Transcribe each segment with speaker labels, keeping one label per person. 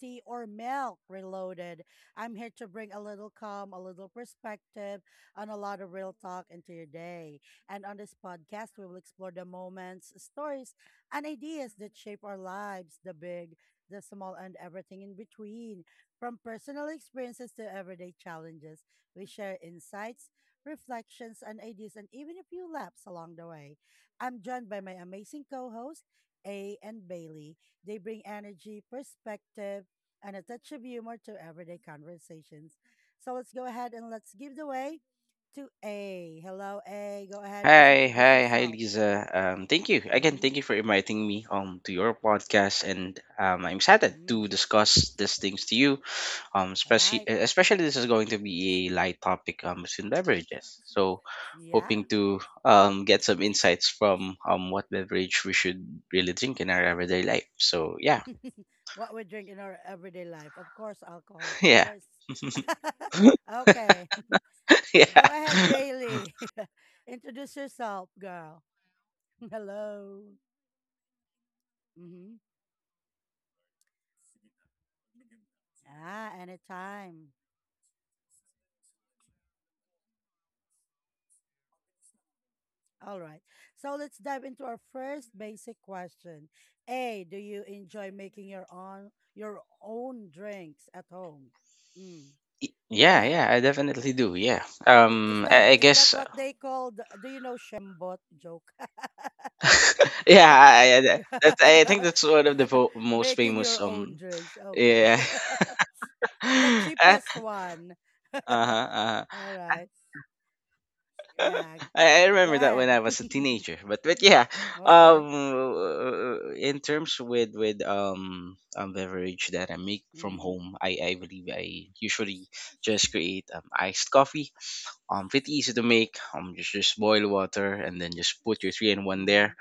Speaker 1: tea, or milk reloaded. I'm here to bring a little calm, a little perspective, and a lot of real talk into your day. And on this podcast, we will explore the moments, stories, and ideas that shape our lives, the big, the small, and everything in between. From personal experiences to everyday challenges, we share insights, reflections, and ideas, and even a few laps along the way. I'm joined by my amazing co hosts, A and Bailey. They bring energy, perspective, and a touch of humor to everyday conversations. So let's go ahead and let's give the way to A. Hello, A. Go ahead, please
Speaker 2: Hi,
Speaker 1: introduce
Speaker 2: hi, hi,
Speaker 1: yourself.
Speaker 2: Lisa. Thank you again. Thank
Speaker 1: Mm-hmm.
Speaker 2: you for inviting me to your podcast, and I'm excited to
Speaker 1: Mm.
Speaker 2: discuss these things to you.
Speaker 1: All
Speaker 2: Especially
Speaker 1: right.
Speaker 2: especially this is going to be a light topic between beverages. So,
Speaker 1: Yeah.
Speaker 2: hoping to get some insights from what beverage we should really drink in our everyday life. So yeah,
Speaker 1: What we drink in our everyday life. Of course, alcohol.
Speaker 2: yeah,
Speaker 1: Charis. Okay. Go
Speaker 2: yeah.
Speaker 1: ahead, Bailey. Introduce yourself, girl. Hello. Mm-hmm. Ah, anytime. All right. So let's dive into our first basic question. A, do you enjoy making your own drinks at home? Mm, go
Speaker 2: Yeah,
Speaker 1: ahead.
Speaker 2: yeah, I definitely do. Yeah.
Speaker 1: I- Is that
Speaker 2: I
Speaker 1: is that
Speaker 2: guess
Speaker 1: what they call the, do you know shambot joke?
Speaker 2: yeah, I think that's one of the most
Speaker 1: Making
Speaker 2: famous
Speaker 1: your own drinks. Okay.
Speaker 2: yeah.
Speaker 1: The
Speaker 2: Uh
Speaker 1: cheapest one.
Speaker 2: huh. Uh-huh.
Speaker 1: All right. Yeah.
Speaker 2: I
Speaker 1: Go
Speaker 2: remember that when
Speaker 1: ahead.
Speaker 2: I was a teenager, but yeah,
Speaker 1: Okay.
Speaker 2: in terms with beverage that I make from
Speaker 1: Mm-hmm.
Speaker 2: home, I believe I usually just create iced coffee. Pretty easy to make. Just boil water and then just put your three in one
Speaker 1: Mm-hmm.
Speaker 2: there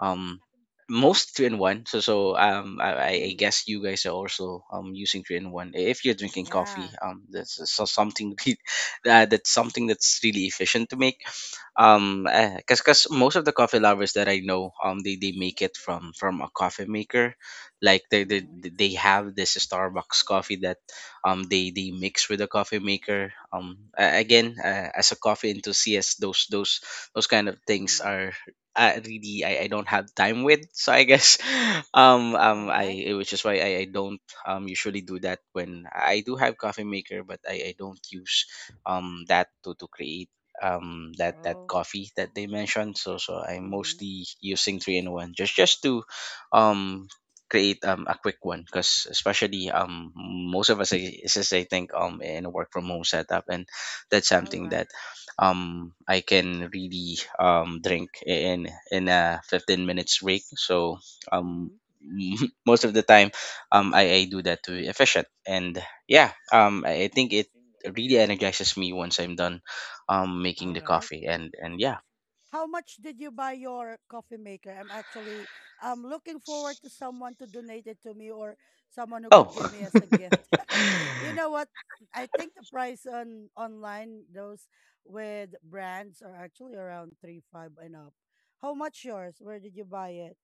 Speaker 2: um most three in one I
Speaker 1: Mm.
Speaker 2: guess you guys are also using three in one if you're drinking
Speaker 1: Yeah.
Speaker 2: coffee. That's So something that's something that's really efficient to make um because most of the coffee lovers that I know they make it from a coffee maker. Like they, they
Speaker 1: Mm-hmm.
Speaker 2: they have this Starbucks coffee that they mix with a coffee maker. Again, as a coffee enthusiast, those kind of things
Speaker 1: Mm-hmm.
Speaker 2: are, I really, I don't have time with. So I guess
Speaker 1: All right.
Speaker 2: I which is why I don't usually do that. When I do have coffee maker, but I don't use that to create that
Speaker 1: Oh.
Speaker 2: coffee that they mentioned. So I'm
Speaker 1: Mm-hmm.
Speaker 2: mostly using three in one just to um create a quick one, because especially most of us I think in a work from home setup, and that's
Speaker 1: All
Speaker 2: something that
Speaker 1: right.
Speaker 2: I can really drink in a 15 minutes break. So um
Speaker 1: Mm-hmm.
Speaker 2: most of the time I do that to be efficient. And yeah um I think it really energizes me once I'm done making
Speaker 1: All
Speaker 2: the
Speaker 1: right.
Speaker 2: coffee and
Speaker 1: How much did you buy your coffee maker? I'm looking forward to someone to donate it to me or someone who could give
Speaker 2: Oh,
Speaker 1: me as a gift. You know what? I think the price on online those with brands are actually around three five and up. How much yours? Where did you buy it?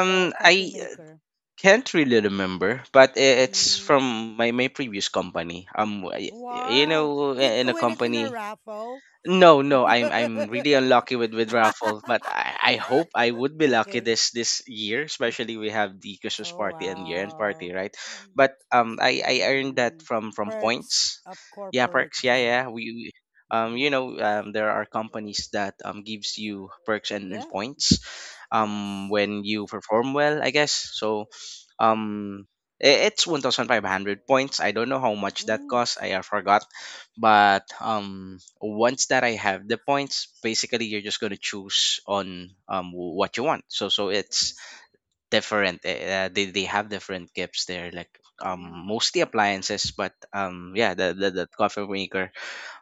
Speaker 1: The coffee
Speaker 2: I
Speaker 1: maker.
Speaker 2: can't really remember, but it's
Speaker 1: Mm.
Speaker 2: from my previous company. You
Speaker 1: Wow.
Speaker 2: know,
Speaker 1: Did
Speaker 2: in
Speaker 1: you
Speaker 2: a
Speaker 1: win it in a
Speaker 2: company.
Speaker 1: raffle?
Speaker 2: No, no, I'm really unlucky with raffle, but I hope I would be lucky
Speaker 1: Okay.
Speaker 2: this year, especially we have the Christmas
Speaker 1: Oh,
Speaker 2: party and year end party,
Speaker 1: wow.
Speaker 2: right? But I earned that
Speaker 1: Mm,
Speaker 2: from
Speaker 1: perks
Speaker 2: points,
Speaker 1: of
Speaker 2: yeah,
Speaker 1: corporate
Speaker 2: perks, yeah, yeah.
Speaker 1: job.
Speaker 2: We there are companies that gives you perks and
Speaker 1: Yeah.
Speaker 2: points,
Speaker 1: Yes.
Speaker 2: when you perform well, I guess. Um. It's 1,500 points. I don't know how much that
Speaker 1: Mm,
Speaker 2: costs. I have forgotten, but once that I have the points, basically you're just going to choose on what you want. It's different. They have different gifts there, like um
Speaker 1: mm.
Speaker 2: mostly appliances, but yeah, the coffee maker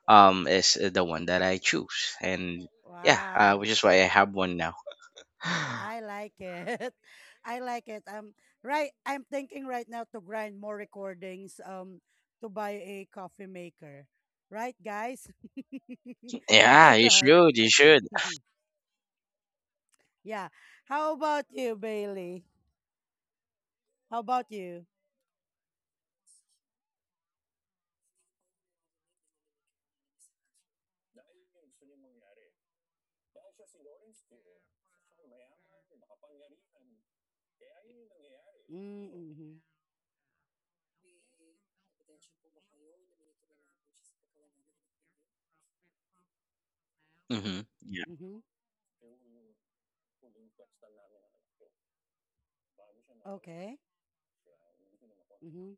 Speaker 2: is the one that I choose. And yeah
Speaker 1: Wow.
Speaker 2: Which is why I have one now.
Speaker 1: I like it. I like it. Right. I'm thinking right now to grind more recordings. To buy a coffee maker. Right, guys. All
Speaker 2: Yeah, you
Speaker 1: right.
Speaker 2: should,
Speaker 1: Yeah. How about you, Bailey? How about you? Mm-hmm.
Speaker 2: hmm.
Speaker 1: Mm-hmm. Okay. Mm-hmm.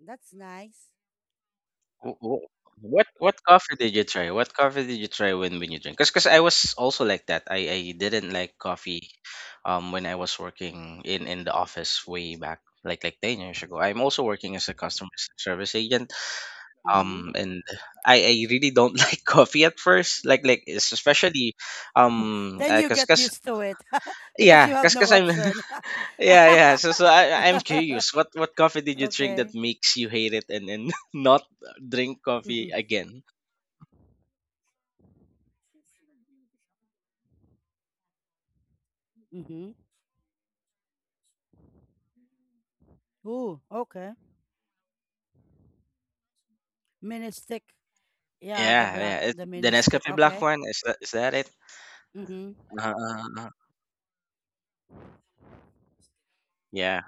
Speaker 1: That's nice.
Speaker 2: Wh- wh- what coffee did you try? What coffee did you try when you drink? 'Cause I was also like that. I didn't like coffee, when I was working in the office way back 10 years ago. I'm also working as a customer service agent,
Speaker 1: Mm-hmm.
Speaker 2: and I really don't like coffee at first, especially, um
Speaker 1: Then you
Speaker 2: because
Speaker 1: get
Speaker 2: cause, 'cause-
Speaker 1: used to it because
Speaker 2: yeah,
Speaker 1: you have
Speaker 2: because cause 'cause
Speaker 1: no
Speaker 2: I'm
Speaker 1: option.
Speaker 2: yeah, yeah. I'm curious, what coffee did you drink
Speaker 1: Okay.
Speaker 2: that makes you hate it and not drink coffee again?
Speaker 1: Mm-hmm. Ooh, okay. Mini stick. Yeah, the
Speaker 2: Yeah, yeah.
Speaker 1: black,
Speaker 2: It's
Speaker 1: the
Speaker 2: the
Speaker 1: mini stick.
Speaker 2: Nescafe black
Speaker 1: Okay.
Speaker 2: one. Is that it?
Speaker 1: Mm-hmm.
Speaker 2: Uh-huh, uh-huh, uh-huh. Yeah.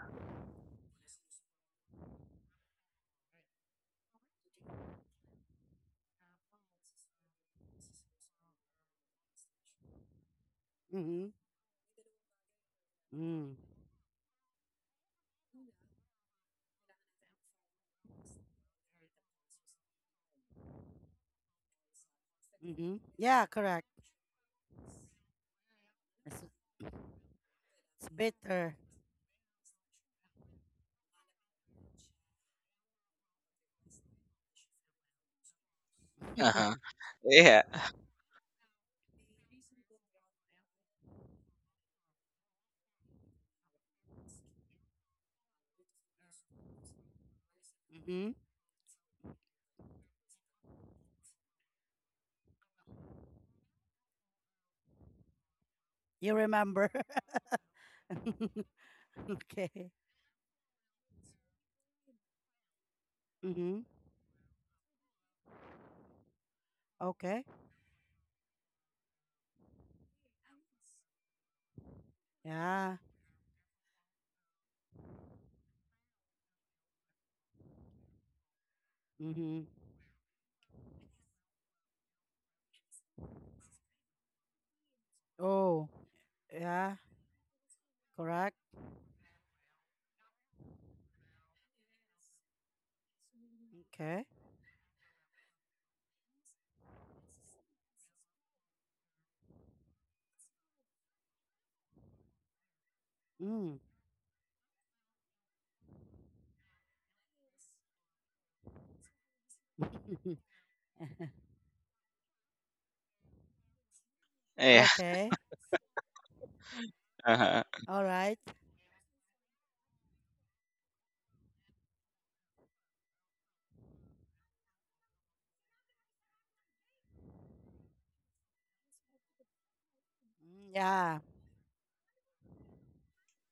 Speaker 1: Mm-hmm. Mm. Mm-hmm. Yeah, correct. It's, it's bitter.
Speaker 2: Uh-huh. Yeah.
Speaker 1: Mm-hmm. You remember. Okay. Mm-hmm. Okay. Yeah. Mm-hmm. Oh, yeah, correct. Okay. Mm.
Speaker 2: Yeah.
Speaker 1: Okay.
Speaker 2: Uh-huh.
Speaker 1: All right. Mm, yeah,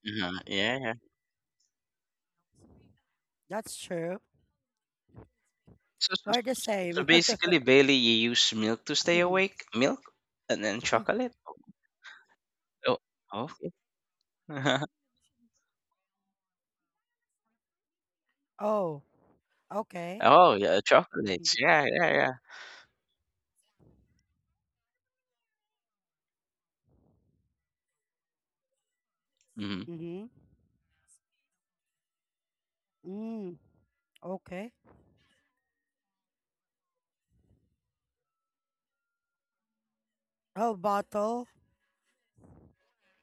Speaker 2: Uh-huh. Yeah. Yeah.
Speaker 1: that's true.
Speaker 2: So,
Speaker 1: We're the same.
Speaker 2: basically, Bailey, you use milk to stay awake. Milk and then chocolate. Oh, oh, okay.
Speaker 1: Oh, okay.
Speaker 2: Oh yeah, chocolates. Yeah, yeah, yeah. Mm-hmm.
Speaker 1: Mm-hmm. Mm, okay. Oh, bottle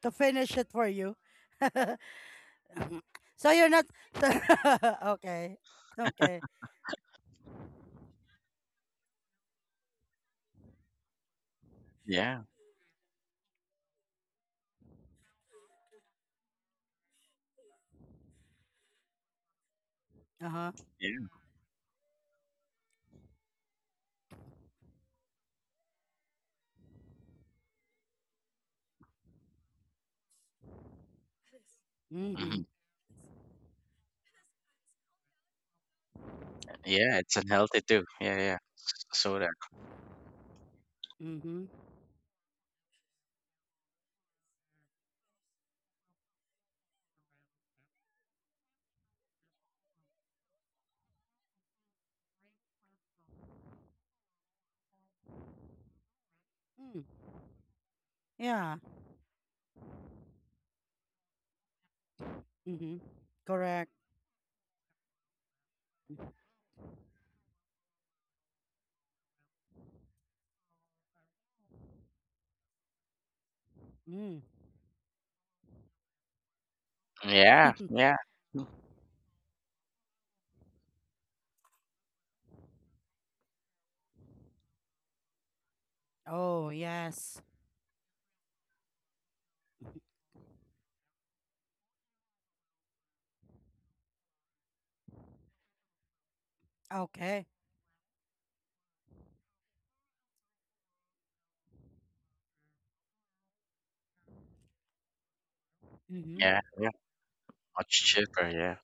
Speaker 1: to finish it for you. So you're not. Okay. Okay.
Speaker 2: Yeah,
Speaker 1: Uh huh.
Speaker 2: yeah.
Speaker 1: Mm-hmm.
Speaker 2: Mm-hmm. Yeah, it's unhealthy too. Yeah, yeah. Soda.
Speaker 1: Mm-hmm. Mm. Yeah. Mm-hmm. Correct. Mm.
Speaker 2: Yeah, yeah, mm,
Speaker 1: Oh, yes. Okay. Mm-hmm.
Speaker 2: yeah, yeah. Much cheaper. Yeah.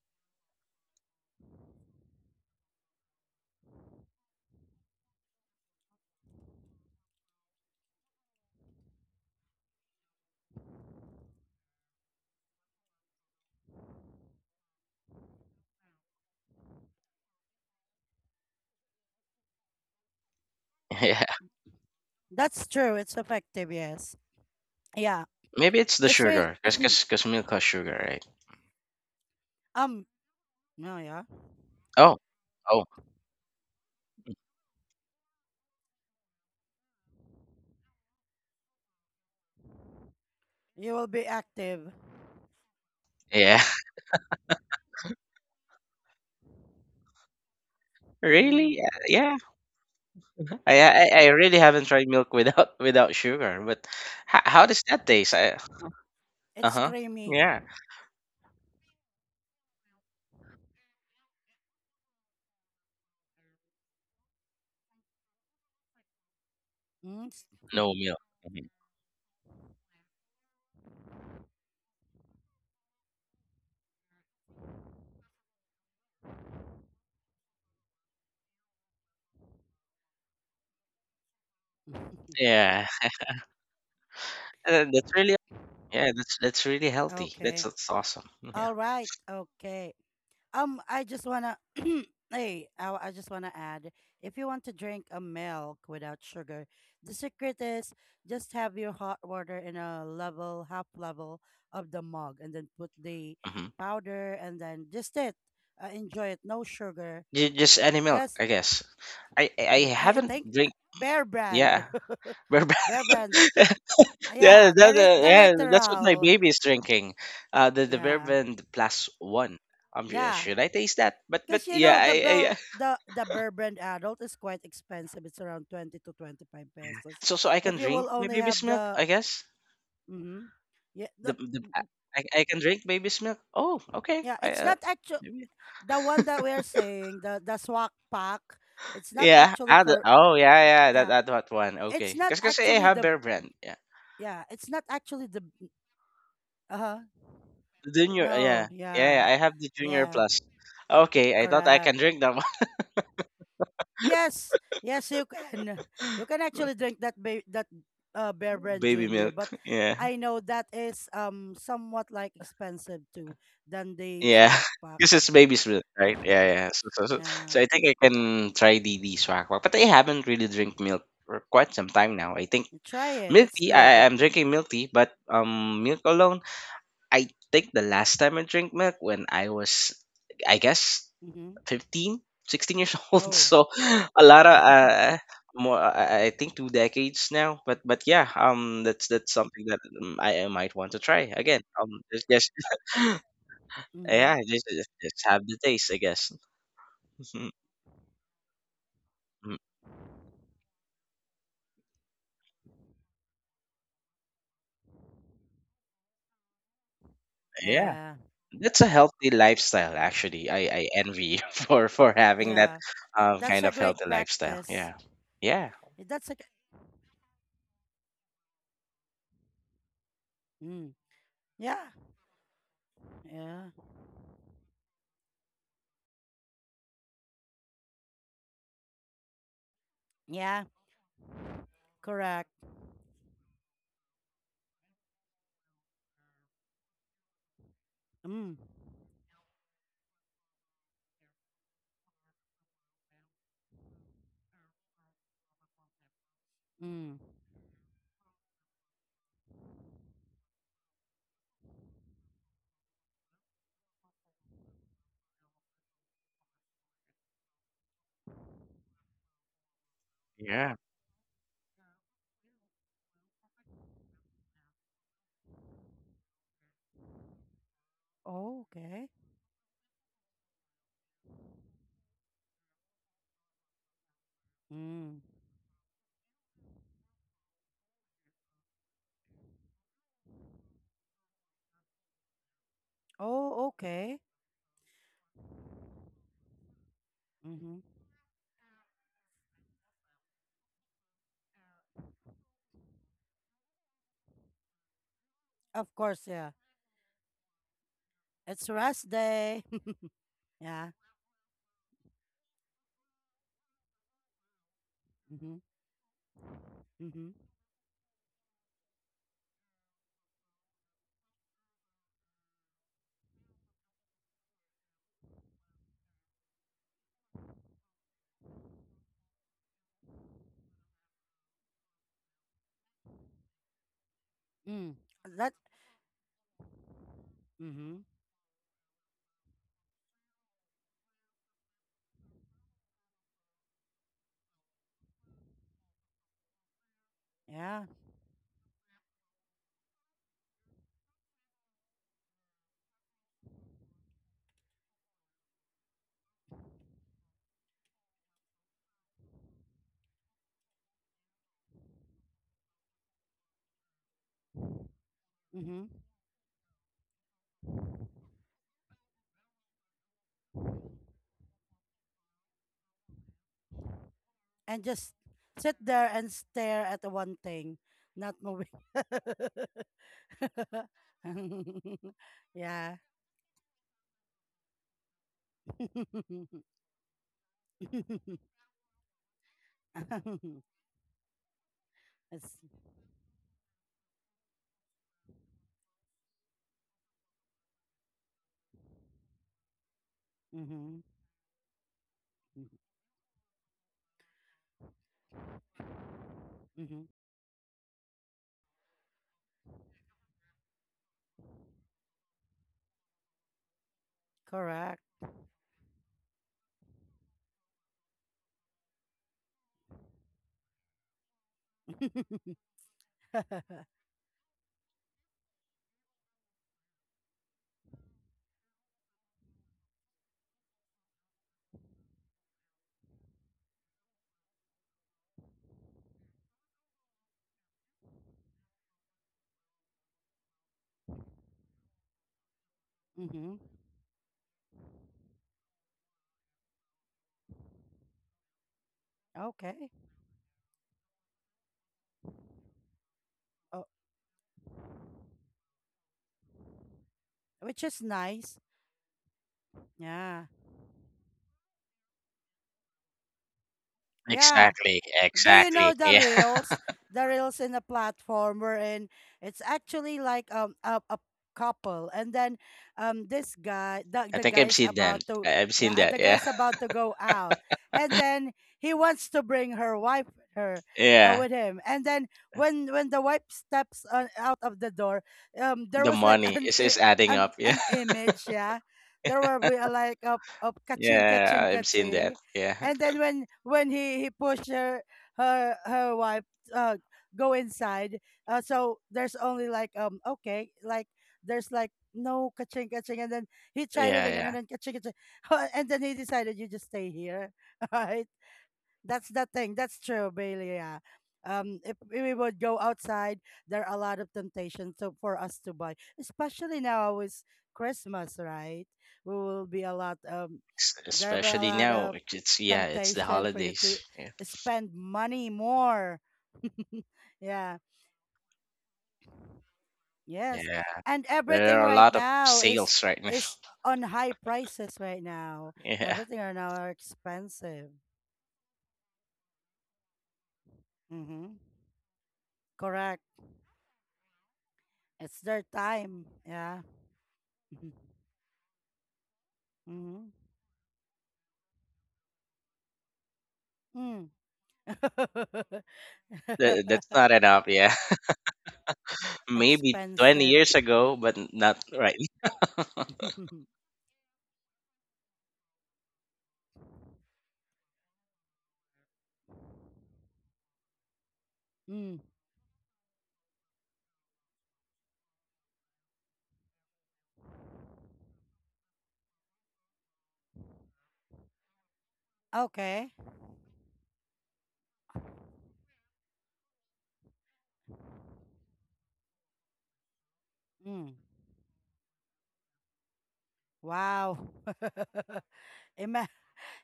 Speaker 2: Yeah.
Speaker 1: That's true. It's effective, yes. Yeah.
Speaker 2: Maybe it's the
Speaker 1: It's real.
Speaker 2: sugar, cause cause, 'cause milk has sugar, right?
Speaker 1: um no, yeah.
Speaker 2: Oh, oh,
Speaker 1: You will be active.
Speaker 2: yeah. Really?
Speaker 1: Mm.
Speaker 2: Yeah. I really haven't tried milk without without sugar, but how does that taste?
Speaker 1: It's
Speaker 2: Uh-huh.
Speaker 1: creamy.
Speaker 2: Yeah.
Speaker 1: Mm.
Speaker 2: No milk. Mhm. Yeah. That's really, yeah. That's really healthy. That's
Speaker 1: Okay.
Speaker 2: that's awesome. Yeah.
Speaker 1: All right. Okay. I just wanna hey, I just wanna add, if you want to drink a milk without sugar, the secret is just have your hot water in a level, half level of the mug, and then put the
Speaker 2: Hmm.
Speaker 1: powder, and then just it. Enjoy it, no sugar.
Speaker 2: Just any milk,
Speaker 1: Cause
Speaker 2: I guess. I
Speaker 1: uh, I
Speaker 2: haven't
Speaker 1: think
Speaker 2: drink.
Speaker 1: Bear Brand,
Speaker 2: Yeah. Bourbon.
Speaker 1: Bear Brand,
Speaker 2: Yeah,
Speaker 1: yeah, the the
Speaker 2: yeah, that's what my
Speaker 1: literal,
Speaker 2: baby is drinking. The
Speaker 1: yeah,
Speaker 2: bourbon plus one.
Speaker 1: yeah.
Speaker 2: Should I taste that? But
Speaker 1: Because you
Speaker 2: yeah,
Speaker 1: know the bell
Speaker 2: I
Speaker 1: the bear brand adult is quite expensive. It's around 20 to 25 pesos.
Speaker 2: so so I can
Speaker 1: If you
Speaker 2: drink
Speaker 1: will
Speaker 2: my
Speaker 1: only
Speaker 2: baby's
Speaker 1: have
Speaker 2: milk.
Speaker 1: the
Speaker 2: I guess
Speaker 1: mm-hmm, yeah
Speaker 2: the
Speaker 1: the,
Speaker 2: the I can drink baby's milk. Oh, okay.
Speaker 1: yeah
Speaker 2: I
Speaker 1: it's not actually
Speaker 2: Maybe.
Speaker 1: the one that we are saying the swag pack. It's not
Speaker 2: Yeah.
Speaker 1: actually
Speaker 2: Ah,
Speaker 1: for
Speaker 2: oh, yeah, that
Speaker 1: yeah.
Speaker 2: that that one.
Speaker 1: It's
Speaker 2: Okay.
Speaker 1: not
Speaker 2: 'Cause I
Speaker 1: actually
Speaker 2: have
Speaker 1: the
Speaker 2: Bear Brand. Yeah.
Speaker 1: yeah. It's not actually the uh huh
Speaker 2: The junior. Yeah
Speaker 1: no
Speaker 2: yeah.
Speaker 1: yeah
Speaker 2: I have the junior
Speaker 1: yeah
Speaker 2: plus. Okay. I thought I
Speaker 1: correct.
Speaker 2: can drink that one.
Speaker 1: Yes, yes, you can. You can actually drink that Bear Brand
Speaker 2: Baby
Speaker 1: Junior,
Speaker 2: milk.
Speaker 1: but
Speaker 2: Yeah.
Speaker 1: I know that is somewhat like expensive too than the
Speaker 2: Yeah,
Speaker 1: Swag Pack.
Speaker 2: this is Baby Smith, right? Yeah, yeah. So, so, so,
Speaker 1: Yeah,
Speaker 2: so I think I can try the swag Wak, but I haven't really drink milk for quite some time now. I think
Speaker 1: you try it.
Speaker 2: milk
Speaker 1: It's
Speaker 2: tea.
Speaker 1: good.
Speaker 2: I'm drinking milk tea, but milk alone. I think the last time I drank milk when I was, I guess,
Speaker 1: Mm-hmm.
Speaker 2: 15, 16 years old.
Speaker 1: Oh,
Speaker 2: So a lot of more. I think 2 decades now. But yeah, that's something that I might want to try again. There's just
Speaker 1: mm-hmm.
Speaker 2: yeah, just have the taste, I guess. Mm, yeah,
Speaker 1: Yeah,
Speaker 2: that's a healthy lifestyle. Actually, I envy you for having that
Speaker 1: yeah. That's
Speaker 2: kind
Speaker 1: a
Speaker 2: of
Speaker 1: great
Speaker 2: healthy lifestyle.
Speaker 1: practice.
Speaker 2: Yeah, yeah,
Speaker 1: That's a mm. Yeah, yeah, yeah. Correct. Mm, mm.
Speaker 2: yeah.
Speaker 1: Oh, okay. Mm. Oh, okay. Mm-hmm. Of course, yeah. It's rest day. Yeah. Mm-hmm. Mm-hmm. Mm. That. Mm-hmm. Yeah. Mm-hmm. And just sit there and stare at the one thing, not moving. Yeah. It's. Mm-hmm. Mm-hmm. Correct. Mm-hmm. Okay. Oh, which is nice. Yeah. Yeah.
Speaker 2: Exactly,
Speaker 1: do you know
Speaker 2: exactly.
Speaker 1: the
Speaker 2: Yeah,
Speaker 1: reels the reels in a platform wherein it's actually like a couple, and then this guy
Speaker 2: I
Speaker 1: the
Speaker 2: think I've
Speaker 1: guy's
Speaker 2: seen
Speaker 1: about
Speaker 2: that.
Speaker 1: to
Speaker 2: I've
Speaker 1: yeah
Speaker 2: seen that.
Speaker 1: the
Speaker 2: Yeah,
Speaker 1: guy's about to go out and then he wants to bring her wife her
Speaker 2: yeah.
Speaker 1: with him, and then when the wife steps on, out of the door there
Speaker 2: The
Speaker 1: was like
Speaker 2: money
Speaker 1: an
Speaker 2: is adding up. Yeah,
Speaker 1: an image yeah there were be a like a ka-ching
Speaker 2: yeah.
Speaker 1: ka-ching
Speaker 2: I've seen that.
Speaker 1: ka-ching
Speaker 2: Yeah,
Speaker 1: and then when he pushed her wife uh go inside. So there's only like okay, like there's like no kaching kaching, and then he tried it
Speaker 2: yeah,
Speaker 1: again, and
Speaker 2: yeah.
Speaker 1: then kaching kaching, and then he decided you just stay here, right? That's the thing. That's true, Bailey. Yeah. If we would go outside, there are a lot of temptations to for us to buy, especially now with Christmas, right? We will be a lot there will be a
Speaker 2: Especially
Speaker 1: lot
Speaker 2: now,
Speaker 1: of
Speaker 2: yeah, it's the
Speaker 1: temptation for you
Speaker 2: holidays.
Speaker 1: to
Speaker 2: Yeah,
Speaker 1: spend money more. Yeah. Yes.
Speaker 2: yeah.
Speaker 1: And
Speaker 2: There
Speaker 1: everything
Speaker 2: are a
Speaker 1: right
Speaker 2: lot of
Speaker 1: now is
Speaker 2: sales right now.
Speaker 1: is on high prices right now.
Speaker 2: Yeah.
Speaker 1: Everything right now are expensive. Mm-hmm. Correct. It's their time. Yeah. Mhm. Mhm. Mm.
Speaker 2: That's not enough. Yeah, maybe twenty
Speaker 1: Expensive.
Speaker 2: years ago, but not right.
Speaker 1: Mm. Okay. Mm. Wow. Ima-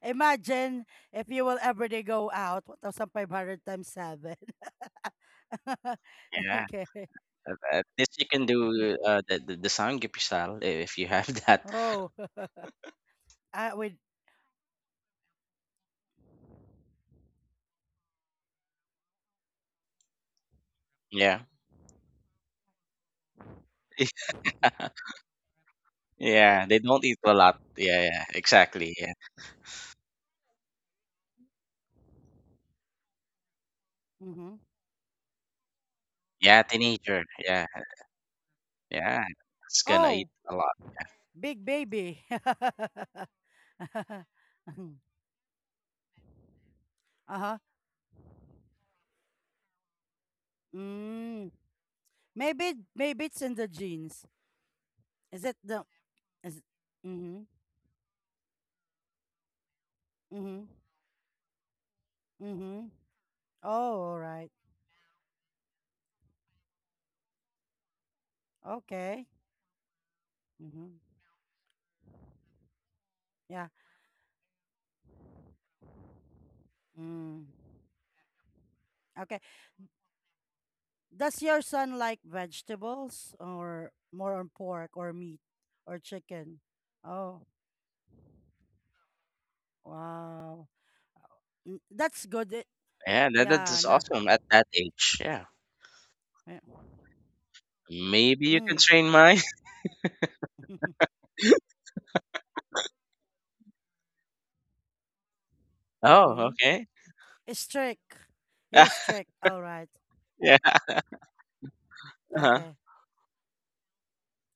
Speaker 1: Imagine if you will every day go out, 1,500 times 7.
Speaker 2: Yeah,
Speaker 1: Okay.
Speaker 2: at at least you can do the sanggipsal if you have that.
Speaker 1: Oh, I would.
Speaker 2: Yeah, yeah, they don't eat a lot. Yeah, yeah, exactly. Yeah,
Speaker 1: Mm-hmm.
Speaker 2: yeah, teenager. Yeah, yeah, it's gonna eat
Speaker 1: Oh,
Speaker 2: a lot.
Speaker 1: big baby. Uh-huh. Mm. Maybe it's in the genes. Is it the is mm-hmm. Mm-hmm. Mm-hmm. Oh, all right. Okay. Mm-hmm. Yeah. Mm. Okay. Does your son like vegetables or more on pork or meat or chicken? Oh, wow. That's good. Eh,
Speaker 2: Yeah,
Speaker 1: yeah,
Speaker 2: that's
Speaker 1: nah.
Speaker 2: awesome at that age. Yeah,
Speaker 1: Eh,
Speaker 2: maybe you can
Speaker 1: mm.
Speaker 2: train mine. Oh,
Speaker 1: Mm-hmm.
Speaker 2: okay.
Speaker 1: Strict. You're strict. All right.
Speaker 2: Yeah. Uh-huh.
Speaker 1: Okay.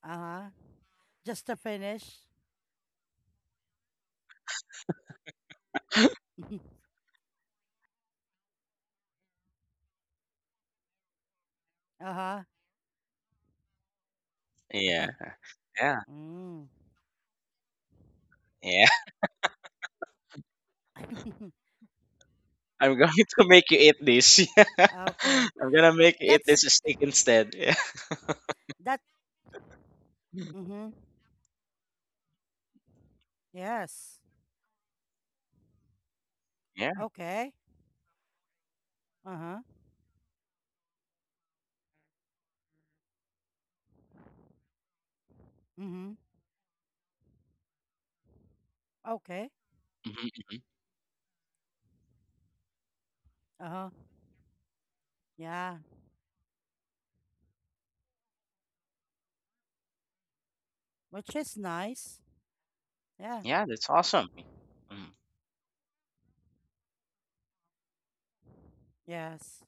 Speaker 1: Uh-huh. Just to finish. Uh-huh.
Speaker 2: Yeah. Yeah.
Speaker 1: Mm.
Speaker 2: Yeah. I'm going to make you eat this.
Speaker 1: Okay.
Speaker 2: I'm gonna make you eat
Speaker 1: That's
Speaker 2: this steak instead. Yeah.
Speaker 1: that mm-hmm. Yes.
Speaker 2: Yeah.
Speaker 1: Okay. Uh-huh. Mm-hmm. Okay.
Speaker 2: Hmm, hmm.
Speaker 1: Uh-huh. Yeah. Which is nice. Yeah.
Speaker 2: Yeah, that's awesome. Mm.
Speaker 1: Yes.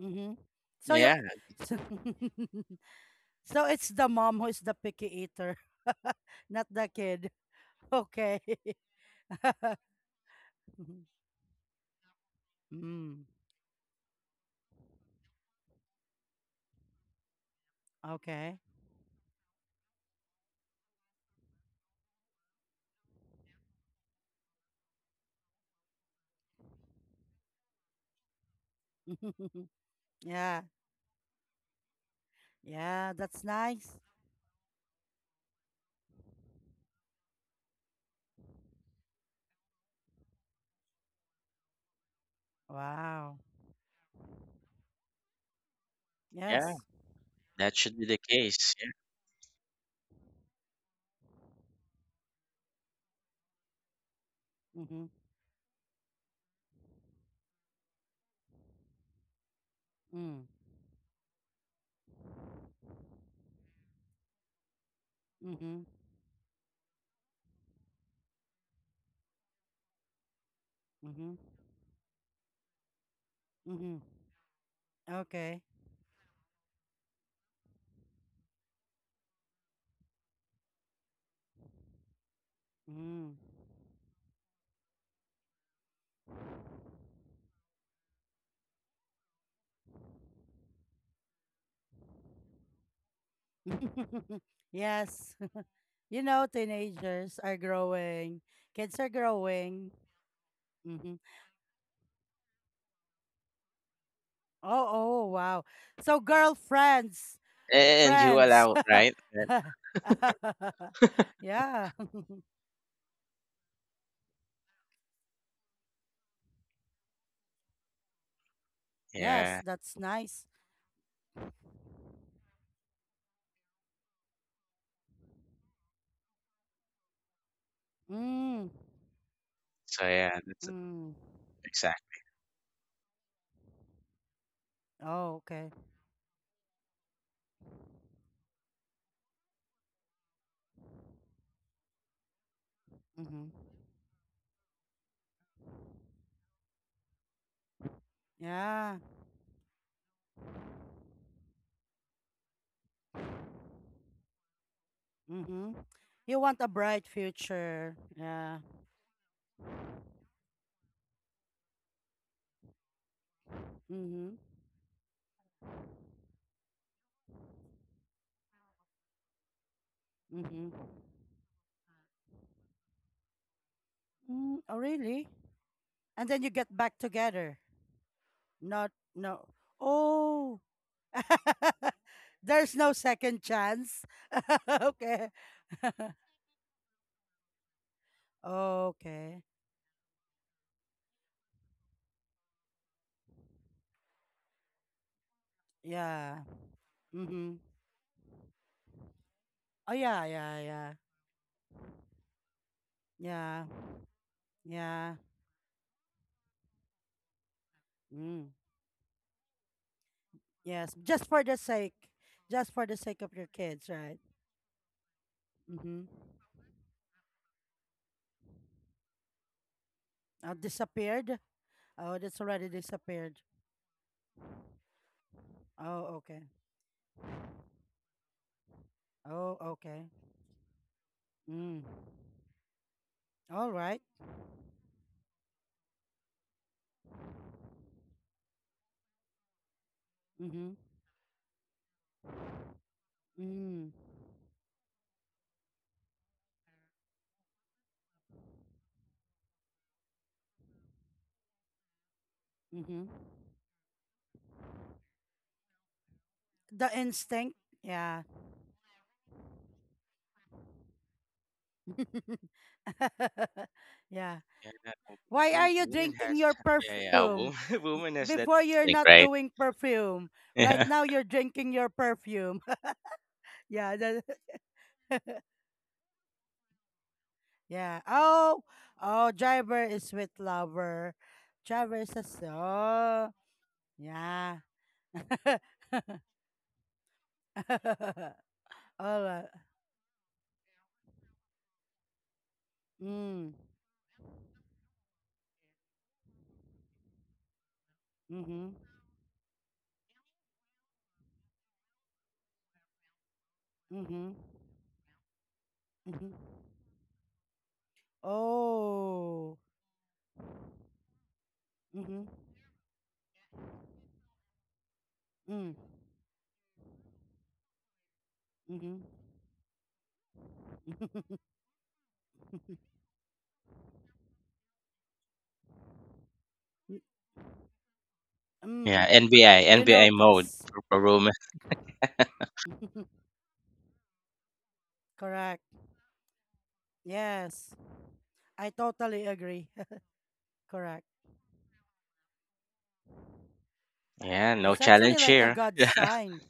Speaker 1: Mm-hmm. So you're
Speaker 2: Yeah,
Speaker 1: so, so it's the mom who's the picky eater, not the kid. Okay. Mm, okay. Yeah. Yeah. That's nice. Wow.
Speaker 2: yeah,
Speaker 1: Yes.
Speaker 2: that should be the case. Yeah.
Speaker 1: Mm-hmm. Mm. Mm-hmm. Mm-hmm. Mm-hmm. Okay. Mm. Yes. You know, teenagers are growing, kids are growing. Hmm. Oh, oh, wow. So, girlfriends,
Speaker 2: And you
Speaker 1: friends.
Speaker 2: allow, right? Right.
Speaker 1: Yeah. Yes,
Speaker 2: Yeah.
Speaker 1: that's nice. Mm,
Speaker 2: So yeah, that's
Speaker 1: mm.
Speaker 2: exactly.
Speaker 1: Oh, okay. Mm-hmm. Yeah. Mm-hmm. You want a bright future. Yeah. Mm-hmm. Mm-hmm. Mm, oh, really? And then you get back together. Not no. Oh. There's no second chance. Okay. Okay. Yeah. Mhm. Oh yeah, yeah. Yeah. Yeah. Mm. Yes, just for the sake of your kids, right? Mhm. Disappeared? Oh, that's already disappeared. Oh, okay. Oh, okay. Mm. All right. Mhm. Mm. Mhm. The instinct. Yeah. Yeah.
Speaker 2: Yeah, that
Speaker 1: Why are you
Speaker 2: woman
Speaker 1: drinking
Speaker 2: has
Speaker 1: your
Speaker 2: yeah, yeah,
Speaker 1: perfume?
Speaker 2: woman, woman has that
Speaker 1: Before you're
Speaker 2: instinct,
Speaker 1: not
Speaker 2: right?
Speaker 1: doing perfume. Right
Speaker 2: Yeah.
Speaker 1: now you're drinking your perfume. Yeah. Yeah. Oh, oh, driver is with lover. Driver is a so. Yeah. All right. Mm. Mhm. Mhm. Mhm. Oh. Mhm. Mm. Mhm.
Speaker 2: Yeah,
Speaker 1: Mm. You
Speaker 2: NBI mode
Speaker 1: notice.
Speaker 2: for woman.
Speaker 1: Correct. Yes, I totally agree. Correct.
Speaker 2: Yeah, no
Speaker 1: It's actually
Speaker 2: challenge
Speaker 1: like a
Speaker 2: here.
Speaker 1: God sign.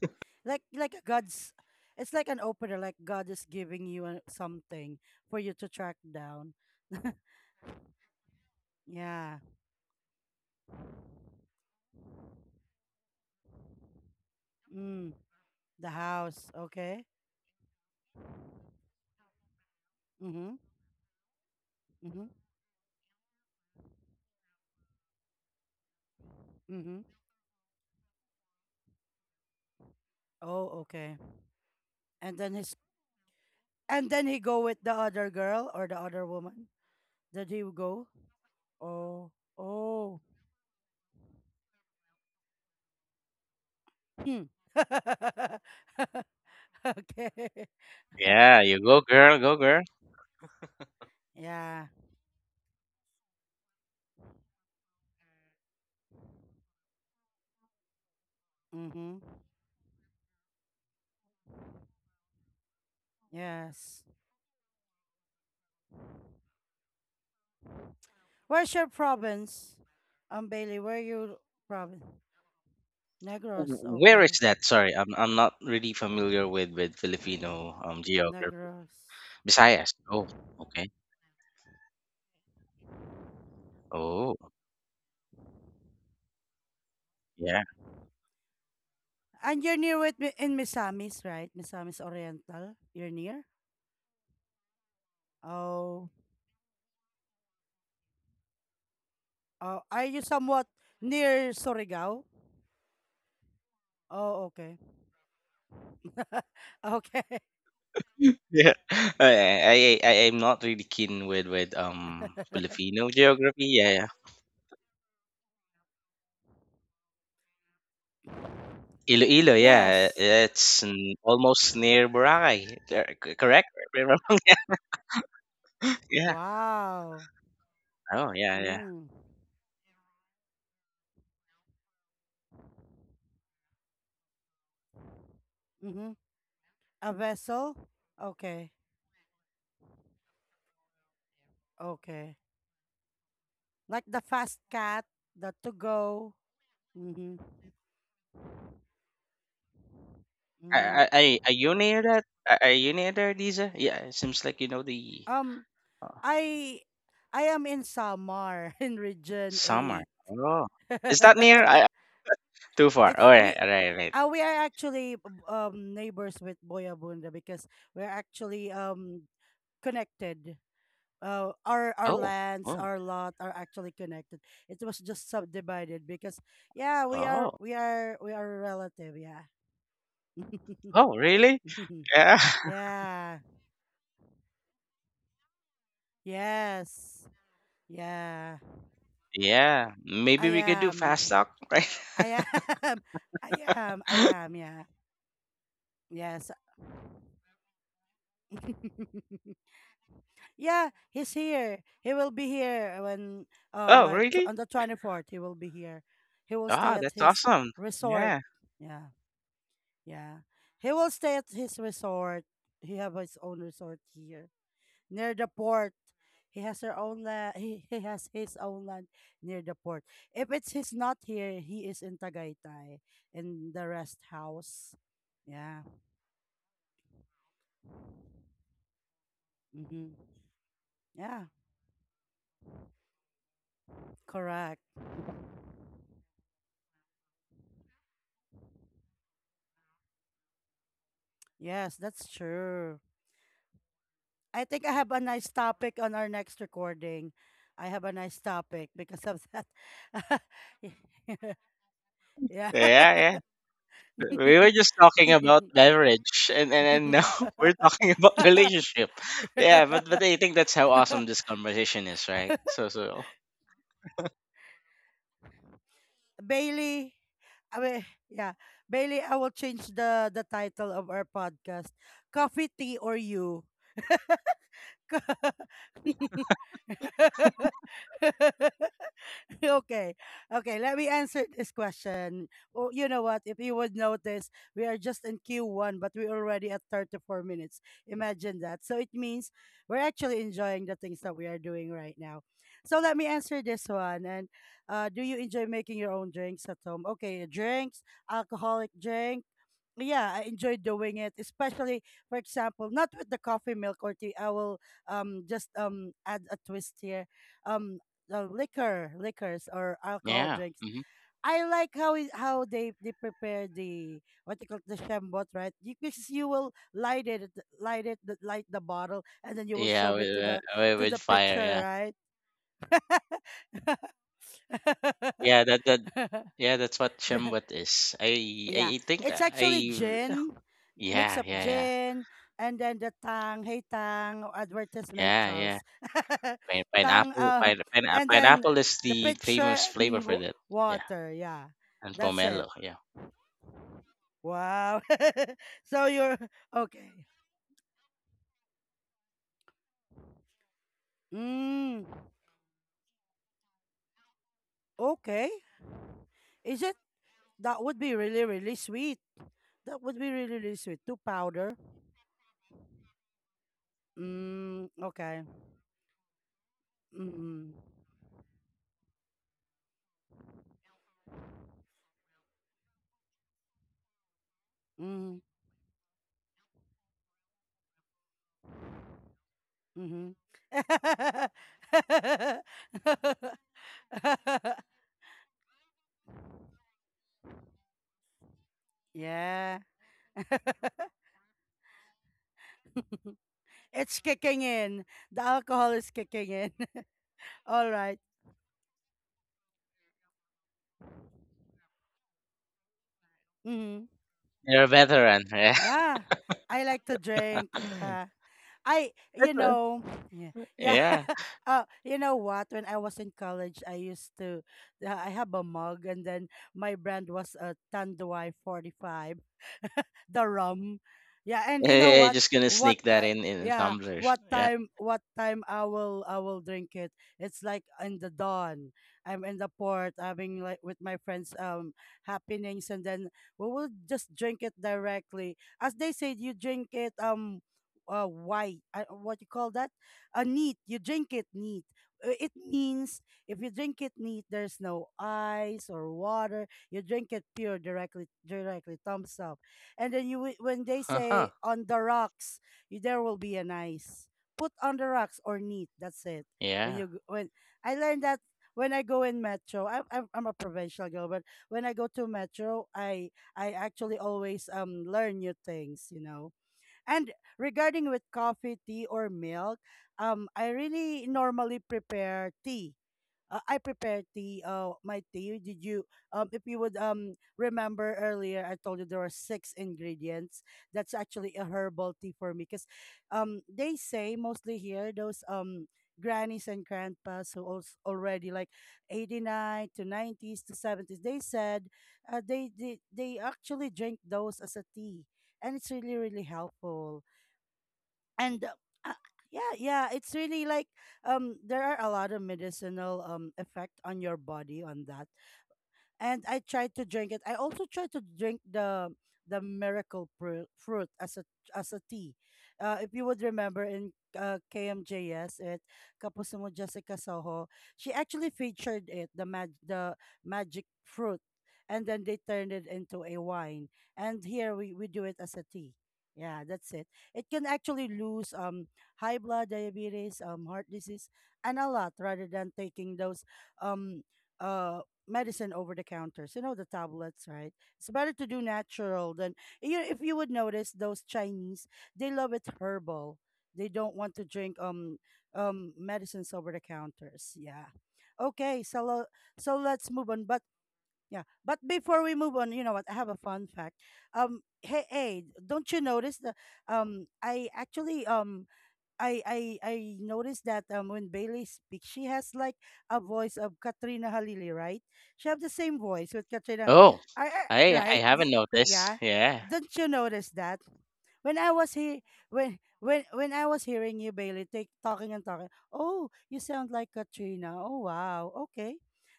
Speaker 1: Like a God's it's like an opener, like God is giving you a, something for you to track down. Yeah. Mm, the house. Okay. Mm-hmm. Mm-hmm. Mm-hmm. Oh, okay. And then his and then he go with the other girl or the other woman. Did he go? Oh. Oh. Hmm. Okay.
Speaker 2: Yeah, you go girl, go girl.
Speaker 1: Yeah. Mm-hmm. Yes. Where's your province? Bailey, where you province? Negros.
Speaker 2: Where is
Speaker 1: Okay.
Speaker 2: that? Sorry, I'm not really familiar with Filipino geography.
Speaker 1: Negros.
Speaker 2: Visayas. Oh, okay. Oh, yeah.
Speaker 1: And you're near with in Misamis, right? Misamis Oriental. You're near? Oh. Oh, are you somewhat near Surigao? Oh, okay. Okay.
Speaker 2: Yeah. I I I I'm not really keen with Filipino geography. Yeah, yeah. Iloilo, yeah.
Speaker 1: Yes.
Speaker 2: It's almost near Boracay, correct? Remember? Yeah.
Speaker 1: Wow.
Speaker 2: Oh, yeah, yeah.
Speaker 1: Mm. Mm-hmm. A vessel? Okay. Okay. Like the fast cat, the to go. Mm-hmm.
Speaker 2: Are,
Speaker 1: Mm.
Speaker 2: are, are are you near that? Are you near there, Lisa? Yeah, it seems like you know the
Speaker 1: Um,
Speaker 2: uh,
Speaker 1: I I am in Samar in Region
Speaker 2: summer.
Speaker 1: Eight.
Speaker 2: Oh, is that near? Too far.
Speaker 1: It's
Speaker 2: Alright,
Speaker 1: we.
Speaker 2: alright, right. Right.
Speaker 1: We are actually neighbors with Boyabunda because we're actually connected. Our our
Speaker 2: Oh,
Speaker 1: lands,
Speaker 2: oh,
Speaker 1: our lot are actually connected. It was just subdivided because yeah, we are
Speaker 2: oh,
Speaker 1: we are we are relative. Yeah.
Speaker 2: oh, really? Yeah,
Speaker 1: Yeah. Yes. Yeah,
Speaker 2: yeah.
Speaker 1: I
Speaker 2: Maybe we could do
Speaker 1: am.
Speaker 2: fast talk, right?
Speaker 1: I am. I am. I am. Yeah. Yes. Yeah, he's here. He will be here when
Speaker 2: Oh,
Speaker 1: like
Speaker 2: really?
Speaker 1: on the 24th he will be here. He will stay
Speaker 2: Ah,
Speaker 1: at
Speaker 2: that's
Speaker 1: his
Speaker 2: awesome.
Speaker 1: resort.
Speaker 2: Yeah,
Speaker 1: Yeah. Yeah. He will stay at his resort. He have his own resort here near the port. He has her own land. He has his own land near the port. If it's he's not here, he is in Tagaytay in the rest house. Yeah. Mm-hmm. Yeah. Correct. Yes, that's true. I think I have a nice topic on our next recording. I have a nice topic because of that. Yeah.
Speaker 2: yeah, yeah. We were just talking about beverage, and now we're talking about relationship. Yeah, but I think that's how awesome this conversation is, right? So,
Speaker 1: Bailey, I mean, yeah, Bailey, I will change the title of our podcast. Coffee, tea, or you. okay. Okay, let me answer this question. Oh, you know what? If you would notice, we are just in Q1, but we're already at 34 minutes. Imagine that. So it means we're actually enjoying the things that we are doing right now. So let me answer this one. And do you enjoy making your own drinks at home? Okay, drinks, alcoholic drinks, yeah, I enjoy doing it, especially for example, not with the coffee milk or tea. I will just add a twist here. Um liquor, liquors or alcohol
Speaker 2: yeah,
Speaker 1: drinks.
Speaker 2: hmm,
Speaker 1: I like how it, how they prepare the what you call it, the shambot, right? You, because you will light it, light it, light the bottle, and then you will show
Speaker 2: yeah,
Speaker 1: it
Speaker 2: with
Speaker 1: to
Speaker 2: with
Speaker 1: the
Speaker 2: fire,
Speaker 1: pitcher,
Speaker 2: yeah,
Speaker 1: right?
Speaker 2: yeah. That's what
Speaker 1: The,
Speaker 2: Shembot is. I I
Speaker 1: yeah,
Speaker 2: I think
Speaker 1: it's actually
Speaker 2: I.
Speaker 1: gin, mix
Speaker 2: Yeah,
Speaker 1: of
Speaker 2: yeah, yeah.
Speaker 1: gin, and then the Tang, hey Tang, oh, advertisement
Speaker 2: Yeah, yeah.
Speaker 1: Charles,
Speaker 2: Pine
Speaker 1: Tang,
Speaker 2: pineapple
Speaker 1: uh,
Speaker 2: pine pine
Speaker 1: and then
Speaker 2: pineapple is
Speaker 1: the
Speaker 2: the
Speaker 1: picture
Speaker 2: famous
Speaker 1: and
Speaker 2: flavor for that. Yeah.
Speaker 1: water. Yeah,
Speaker 2: And
Speaker 1: that's it.
Speaker 2: pomelo, yeah.
Speaker 1: Wow. so you're okay. Mm, okay. Is it? That would be really, really sweet. That would be really, really sweet. To powder. Mm, okay. Mm, mm. Mhm. yeah. it's kicking in. The alcohol is kicking in. All right. Mm-hmm.
Speaker 2: You're a veteran, yeah.
Speaker 1: Yeah, I like to drink.
Speaker 2: That's
Speaker 1: Yeah. I, you
Speaker 2: a-
Speaker 1: know, yeah, yeah.
Speaker 2: yeah.
Speaker 1: You know what? When I was in college, I used to, I have a mug, and then my brand was a Tanduay 45. The rum. Yeah, and you know
Speaker 2: Yeah,
Speaker 1: what?
Speaker 2: just gonna
Speaker 1: What
Speaker 2: sneak that
Speaker 1: time?
Speaker 2: in
Speaker 1: Yeah,
Speaker 2: tumblers.
Speaker 1: what
Speaker 2: Yeah.
Speaker 1: time? What time I will drink it? It's like in the dawn. I'm in the port having like with my friends happenings, and then we will just drink it directly. As they said, you drink it white. What you call that? A neat. You drink it neat. It means if you drink it neat, there's no ice or water. You drink it pure directly. Directly, thumbs up, and then you when they say
Speaker 2: Uh-huh.
Speaker 1: on the rocks, there will be an ice. Put on the rocks or neat. That's it. When
Speaker 2: Yeah.
Speaker 1: you when I learned that, when I go in metro, I'm a provincial girl, but when I go to metro, I actually always learn new things, you know. And regarding with coffee, tea, or milk, I really normally prepare tea, I prepared tea, my tea. If you would remember earlier, I told you there were six ingredients. That's actually a herbal tea for me because, they say mostly here those grannies and grandpas who als already like 89 to 90s to 70s, they said, they actually drink those as a tea, and it's really, really helpful, and uh, yeah, yeah, it's really like there are a lot of medicinal effect on your body on that, and I tried to drink it. I also tried to drink the miracle fruit as a tea. If you would remember in KMJS at Kapuso Mo Jessica Soho, she actually featured it the the magic fruit, and then they turned it into a wine. And here we do it as a tea. Yeah, that's it. It can actually lose high blood, diabetes, heart disease, and a lot rather than taking those um uh medicine over the counters, you know, the tablets, right? It's better to do natural than, you, if you would notice those Chinese, they love it herbal. They don't want to drink medicines over the counters. Yeah. Okay, so so let's move on. But yeah, but before we move on, you know what? I have a fun fact. Hey, hey, don't you notice the I actually I noticed that when Bailey speaks, she has like a voice of Katrina Halili, right? She have the same voice with Katrina.
Speaker 2: Oh.
Speaker 1: I
Speaker 2: I
Speaker 1: right?
Speaker 2: haven't noticed.
Speaker 1: Yeah,
Speaker 2: Yeah.
Speaker 1: don't you notice that? When I was here, when I was hearing you, Bailey, talking and talking. Oh, you sound like Katrina. Oh wow. Okay,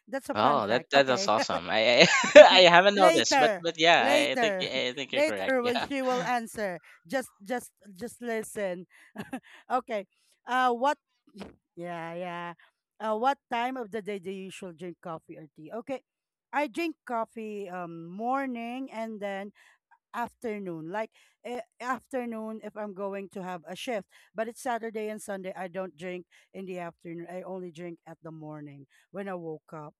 Speaker 1: that's a fun
Speaker 2: Oh,
Speaker 1: fact.
Speaker 2: that's
Speaker 1: Okay.
Speaker 2: awesome. I, I haven't noticed, but
Speaker 1: later
Speaker 2: yeah,
Speaker 1: later
Speaker 2: I think you're correct.
Speaker 1: later when
Speaker 2: Yeah,
Speaker 1: she will answer just listen. okay what yeah, yeah, what time of the day do you usually drink coffee or tea? Okay, I drink coffee morning and then afternoon, like afternoon if I'm going to have a shift. But it's Saturday and Sunday, I don't drink in the afternoon. I only drink at the morning when I woke up.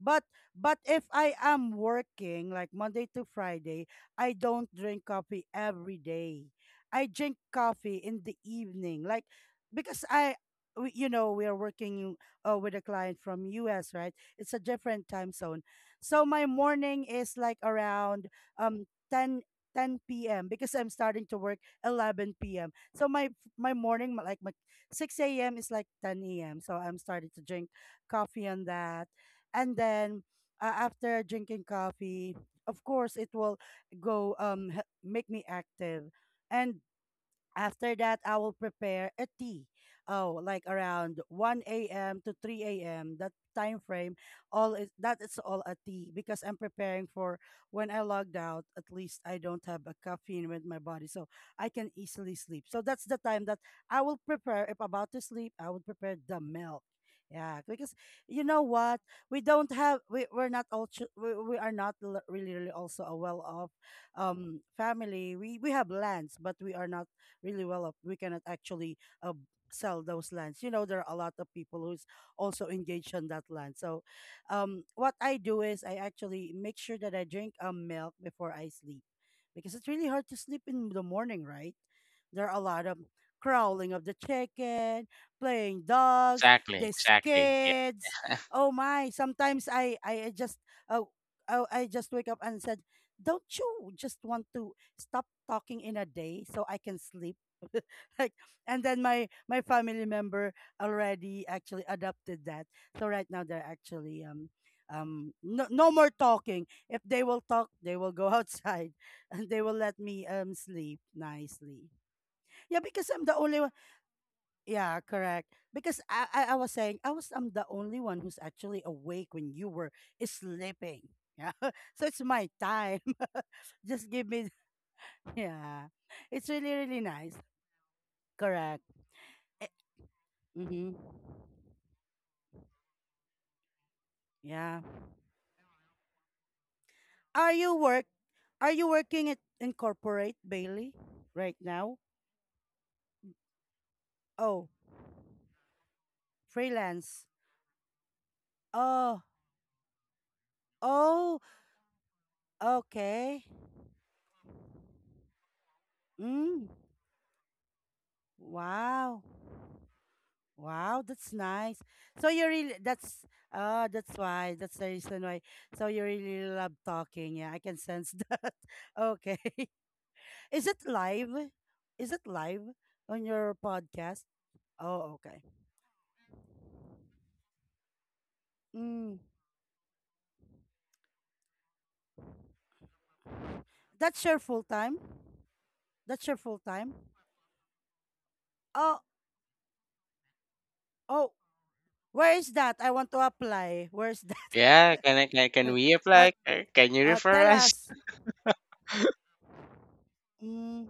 Speaker 1: But, if I am working like Monday to Friday, I don't drink coffee every day. I drink coffee in the evening, like because I. we, you know we are working with a client from US, right? It's a different time zone, so my morning is like around um 10 10 p.m. because I'm starting to work 11 p.m. So my morning, like my 6 a.m. is like 10 a.m. So I'm starting to drink coffee on that, and then after drinking coffee, of course, it will go make me active, and after that, I will prepare a tea. Oh, like around 1 a.m. to 3 a.m. That time frame, all is that is all a tea because I'm preparing for when I logged out. At least I don't have a caffeine with my body, so I can easily sleep. So that's the time that I will prepare. If about to sleep, I will prepare the milk. Yeah, because you know what, we're not all we are not really, really also a well off family, we have lands, but we are not really well up, we cannot actually uh, sell those lands. You know, there are a lot of people who's also engaged on that land. So, what I do is I actually make sure that I drink milk before I sleep, because it's really hard to sleep in the morning, right? There are a lot of crowling of the chicken, playing dogs,
Speaker 2: exactly,
Speaker 1: these
Speaker 2: exactly.
Speaker 1: kids.
Speaker 2: Yeah,
Speaker 1: Oh my! Sometimes uh, I just wake up and said, "Don't you just want to stop talking in a day so I can sleep." Like, and then my family member already actually adopted that. So right now they're actually no, no more talking. If they will talk, they will go outside and they will let me sleep nicely. Yeah, because I'm the only one. Yeah, correct. Because I was saying I'm the only one who's actually awake when you were sleeping. Yeah. So it's my time. Just give me, yeah, it's really, really nice. Correct. Eh, mm-hmm. Yeah. Are you work? Are you working at in corporate, Bailey, right now? Oh, freelance. Oh, oh, okay. Mm. Wow. Wow, that's nice. So you really, that's why, that's the reason why. So you really love talking. Yeah, I can sense that. Okay. Is it live? Is it live on your podcast? Oh, okay. Mm, that's your full time? That's your full time? Oh, oh, where is that? I want to apply. Where's that?
Speaker 2: yeah. Can we
Speaker 1: uh,
Speaker 2: apply? Can you refer
Speaker 1: tell
Speaker 2: us?
Speaker 1: us. Mm,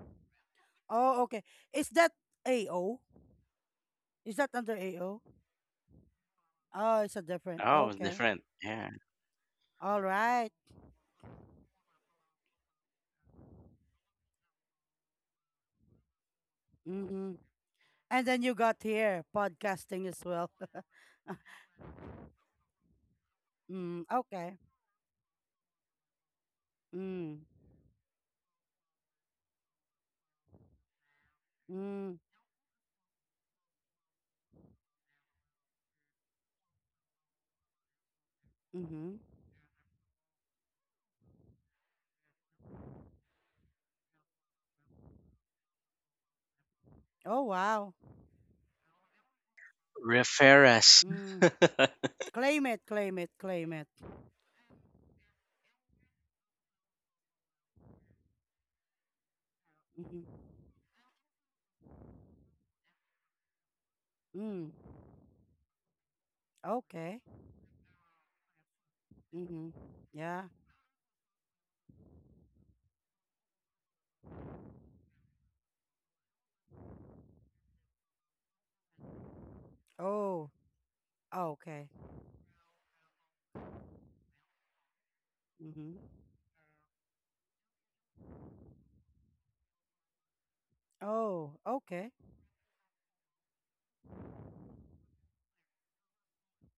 Speaker 1: oh, okay. Is that AO? Is that under AO? Oh, it's a different.
Speaker 2: Oh, it
Speaker 1: Okay.
Speaker 2: different. Yeah.
Speaker 1: All right. Mm-hmm. And then you got here podcasting as well. mm, okay. Mm, mm, mm-hmm. Oh, wow.
Speaker 2: Refer.
Speaker 1: Mm. Claim it, claim it, claim it. Mm-hmm. Mm. Okay. Mhm. Yeah. Oh. Oh, okay. Mhm. Oh, okay.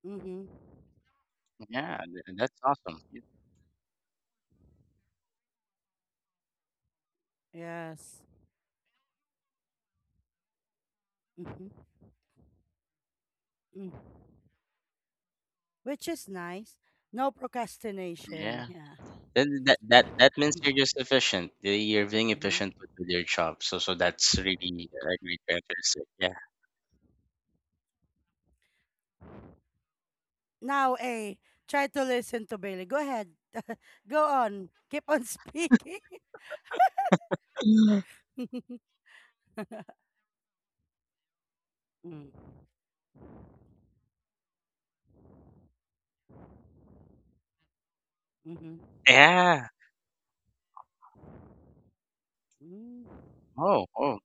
Speaker 1: Mhm.
Speaker 2: Yeah, that's awesome.
Speaker 1: Yes. Mhm. Mm. Which is nice. No procrastination.
Speaker 2: Yeah.
Speaker 1: Yeah.
Speaker 2: Then that means
Speaker 1: Mhm.
Speaker 2: you're just efficient. You're being
Speaker 1: Mhm.
Speaker 2: efficient with your job. That's really a great characteristic. Yeah.
Speaker 1: Now, A, try to listen to Bailey. Go ahead. Go on. Keep on speaking.
Speaker 2: Mm.
Speaker 1: Mm, mhm,
Speaker 2: Yeah.
Speaker 1: mm,
Speaker 2: Oh, oh.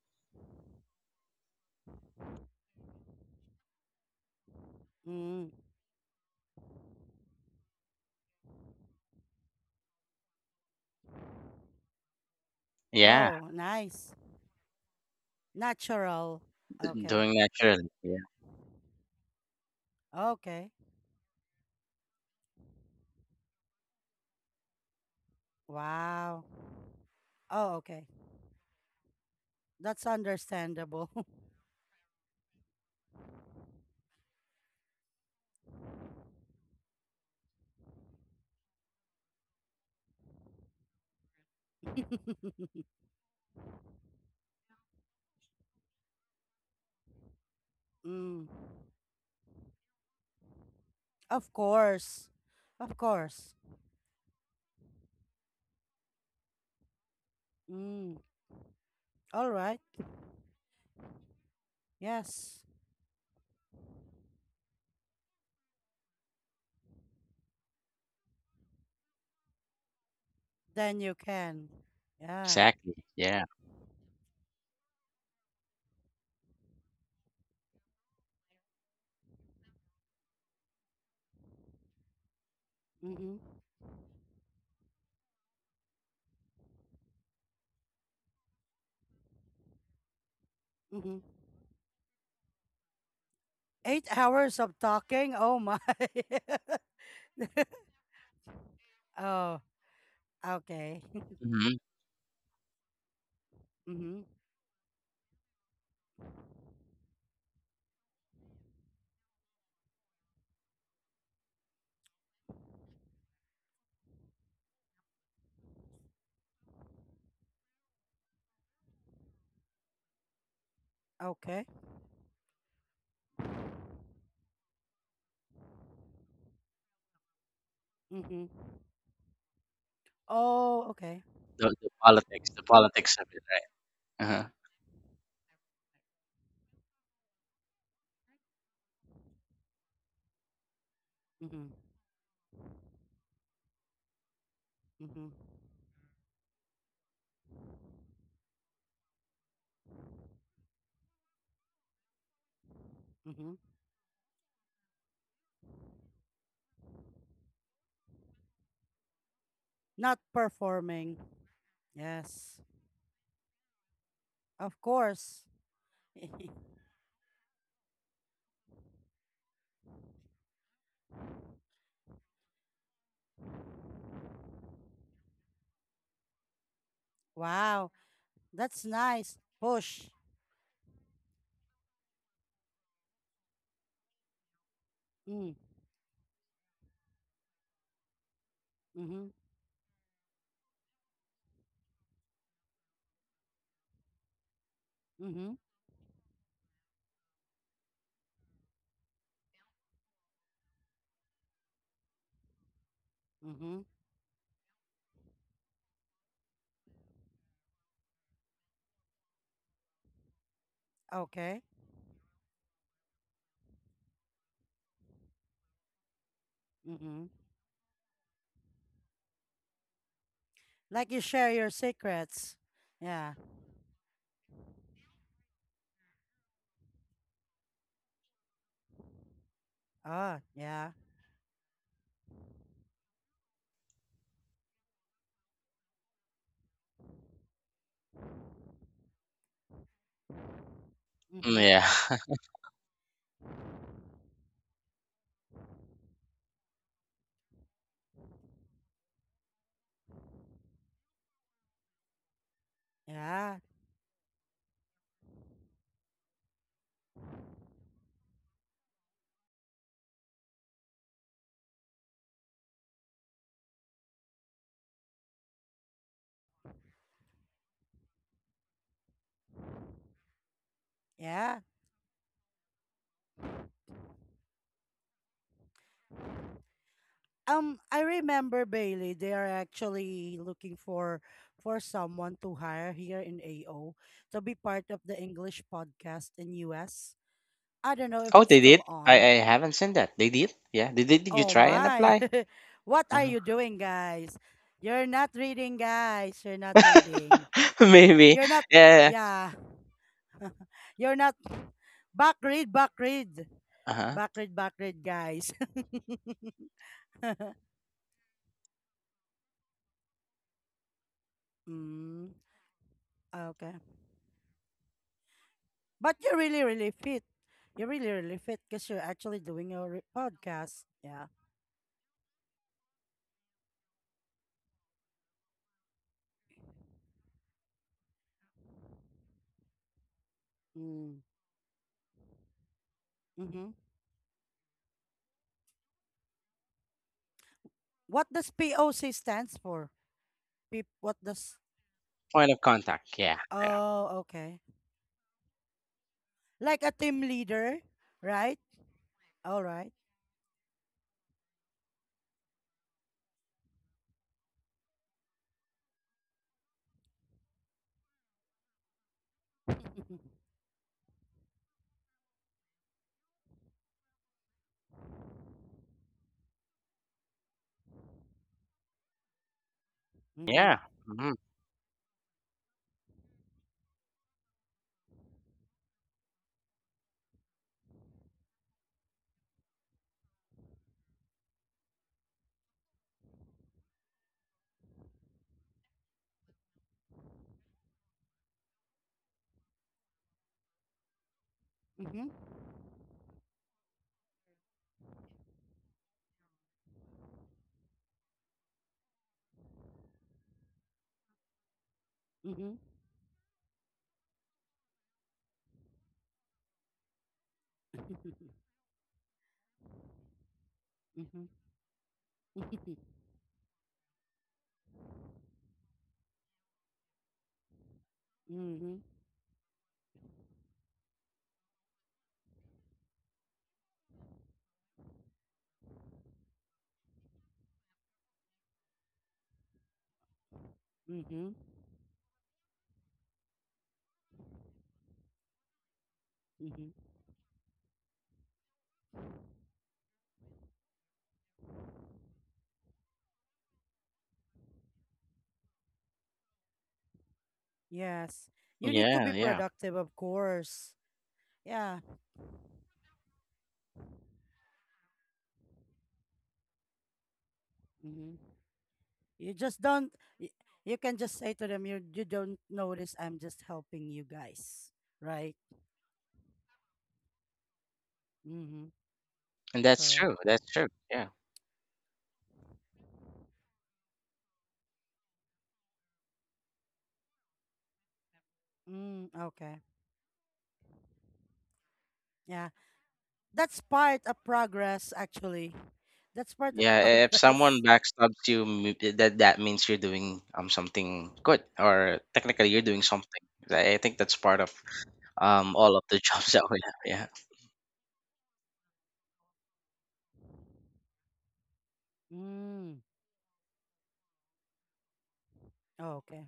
Speaker 1: mm.
Speaker 2: Yeah.
Speaker 1: Oh, nice. Natural. Okay.
Speaker 2: Doing naturally. Yeah.
Speaker 1: Okay. Wow. Oh, okay. That's understandable. mm, of course. Of course. Mm. All right. Yes. Then you can. Yeah.
Speaker 2: Exactly. Yeah.
Speaker 1: Mm-hmm. Mm-hmm. 8 hours of talking. Oh my. oh. Okay.
Speaker 2: Hmm.
Speaker 1: Mm-hmm. Okay. Mm-hmm. Oh. Okay.
Speaker 2: The politics, of it, right? Uh-huh.
Speaker 1: Mm-hmm. Mm-hmm. Mm-hmm. Not performing. Yes. Of course. wow. That's nice. Push. Mm. Mm-hmm. Mm-hmm. Mm-hmm. Okay. Mm-hmm. Like you share your secrets. Yeah. Oh, yeah.
Speaker 2: Mm,
Speaker 1: Mm-hmm.
Speaker 2: yeah.
Speaker 1: Yeah. Yeah. I remember Bailey, they are actually looking for someone to hire here in AO to be part of the English podcast in US. I don't know if
Speaker 2: Oh,
Speaker 1: it's
Speaker 2: they did.
Speaker 1: still
Speaker 2: I
Speaker 1: on.
Speaker 2: haven't seen that. They did. Yeah. They did. Did you
Speaker 1: Oh
Speaker 2: try and
Speaker 1: my.
Speaker 2: apply?
Speaker 1: what are
Speaker 2: Uh-huh.
Speaker 1: you doing, guys? You're not reading, guys. You're not reading.
Speaker 2: Maybe.
Speaker 1: You're not,
Speaker 2: Yeah. Yeah, yeah.
Speaker 1: yeah. You're not back read, back read.
Speaker 2: Uh-huh.
Speaker 1: Backward, backward, guys. mm, okay. But you're really, really fit. You're really, really fit because you're actually doing your podcast. Yeah. Mm, mm-hmm. What does POC stands for? What does...
Speaker 2: Point of contact. Yeah. Yeah.
Speaker 1: Oh, okay. Like a team leader, right? All right. Mm-hmm.
Speaker 2: Yeah. Mhm.
Speaker 1: Mm-hmm. Mm-hmm. Mm-hmm. Mm-hmm. Mm-hmm. Mm-hmm. Yes. You need to be
Speaker 2: Yeah. Yeah.
Speaker 1: productive, of course. Yeah. Hmm, you just don't. y- You can just say to them, you don't notice. I'm just helping you guys, right? Mm-hmm.
Speaker 2: And that's
Speaker 1: Correct.
Speaker 2: true. That's true. Yeah.
Speaker 1: Mm, okay. Yeah, that's part of progress. Actually, that's part of
Speaker 2: Yeah. If someone
Speaker 1: progress.
Speaker 2: backstabs you, that means you're doing something good, or technically you're doing something. I think that's part of all of the jobs that we have. Yeah.
Speaker 1: Mm. Oh, okay.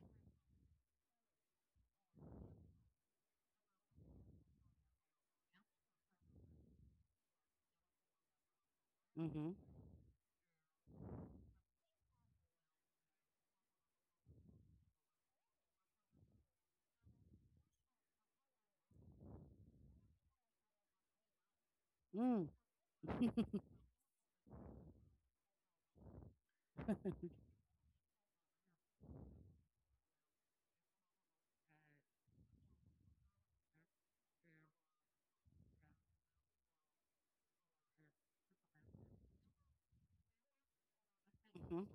Speaker 1: Mm-hmm. Mm. Mm-hmm.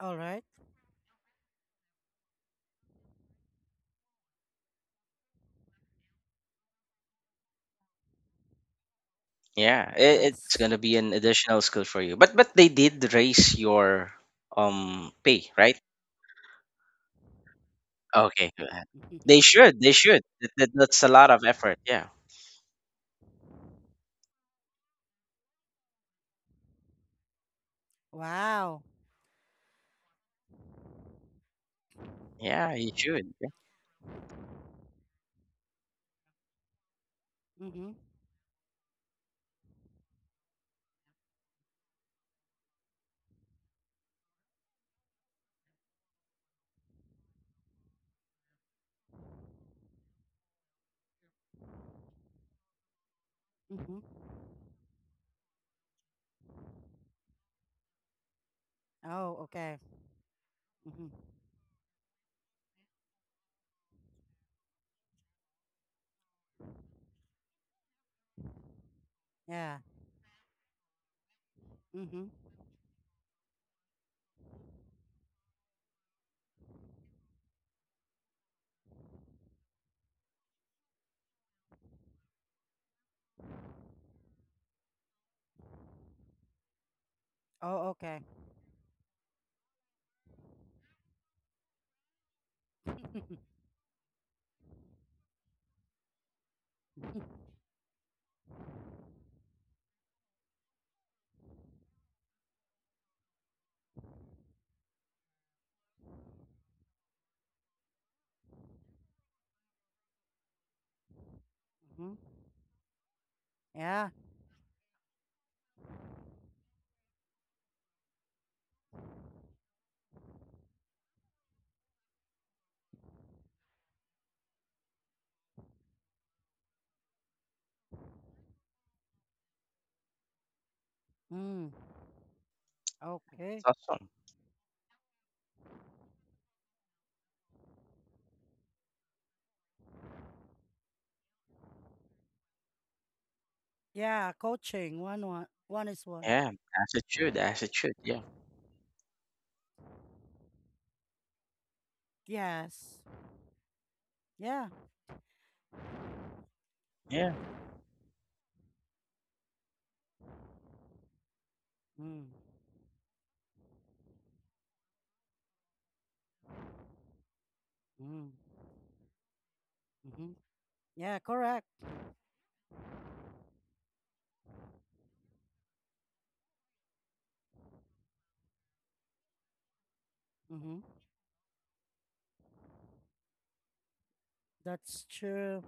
Speaker 1: All right.
Speaker 2: Yeah. It's
Speaker 1: Yes.
Speaker 2: gonna be an additional skill for you. But they did raise your pay, right? Okay.
Speaker 1: Mm-hmm.
Speaker 2: They should. They should. That's a lot of effort. Yeah.
Speaker 1: Wow.
Speaker 2: Yeah, you should. Yeah,
Speaker 1: Mm-hmm. Mm-hmm. Oh, okay. Mm-hmm. Yeah. Mm-hmm. Oh, okay. mm-hmm. Yeah. Mm.
Speaker 2: it's
Speaker 1: Okay.
Speaker 2: awesome.
Speaker 1: Yeah, coaching. One one one is one.
Speaker 2: Yeah, as it should, as it should. Yeah,
Speaker 1: Yes. Yeah.
Speaker 2: yeah,
Speaker 1: Mm, mm, mm-hmm. Yeah, correct. Mm-hmm. That's true.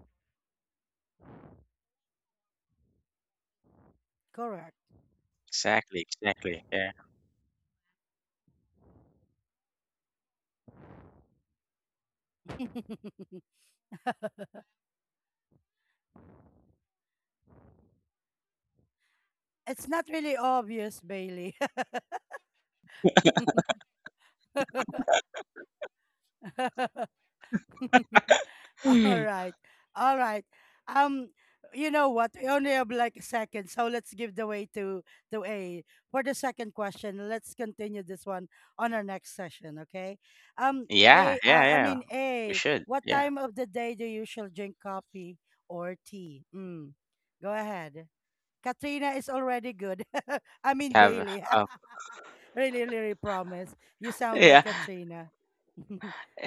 Speaker 1: Correct.
Speaker 2: exactly, exactly. Yeah,
Speaker 1: it's not really obvious, Bailey. All right. All right. Um, you know what? We only have like a second, so let's give the way to A for the second question. Let's continue this one on our next session, okay?
Speaker 2: yeah,
Speaker 1: Bay.
Speaker 2: yeah,
Speaker 1: I
Speaker 2: yeah.
Speaker 1: mean
Speaker 2: We
Speaker 1: A,
Speaker 2: should.
Speaker 1: what
Speaker 2: Yeah,
Speaker 1: time of the day do you usually drink coffee or tea? Mm. Go ahead. Katrina is already good. I mean
Speaker 2: have.
Speaker 1: Bailey.
Speaker 2: Uh,
Speaker 1: Really, really promise. You sound
Speaker 2: yeah,
Speaker 1: like Katrina.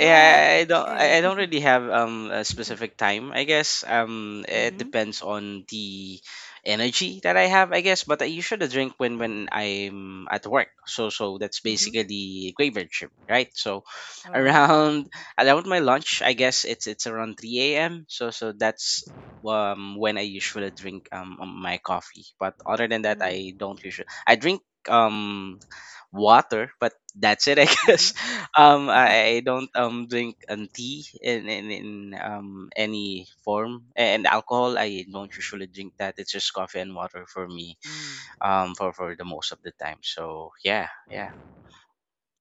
Speaker 1: Go ahead,
Speaker 2: I don't I
Speaker 1: A.
Speaker 2: I don't really have a specific time. I guess it
Speaker 1: Mm-hmm.
Speaker 2: depends on the energy that I have, I guess, but I usually drink when I'm at work. That's
Speaker 1: Mm-hmm.
Speaker 2: basically graveyard shift, right? So
Speaker 1: Uh-huh.
Speaker 2: around around my lunch, I guess it's around 3 a.m. That's when I usually drink my coffee. But other than that,
Speaker 1: Mm.
Speaker 2: I don't usually I drink water, but that's it, I
Speaker 1: Mm-hmm.
Speaker 2: guess. I don't drink tea in any form, and alcohol. I don't usually drink that. It's just coffee and water for me.
Speaker 1: Mm.
Speaker 2: For the most of the time. So yeah, yeah,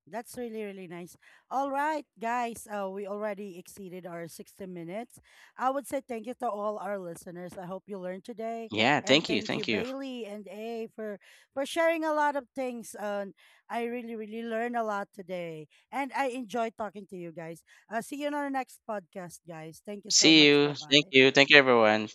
Speaker 1: That's really, really nice. All right, guys. We already exceeded our 60 minutes. I would say thank you to all our listeners. I hope you learned today.
Speaker 2: yeah.
Speaker 1: And
Speaker 2: Thank you,
Speaker 1: thank you,
Speaker 2: thank you.
Speaker 1: Bailey and A, for sharing a lot of things. And I really, really learned a lot today. And I enjoyed talking to you guys. See you on our next podcast, guys. Thank you so
Speaker 2: See
Speaker 1: much.
Speaker 2: you.
Speaker 1: Bye
Speaker 2: Thank
Speaker 1: bye.
Speaker 2: you, thank you, everyone.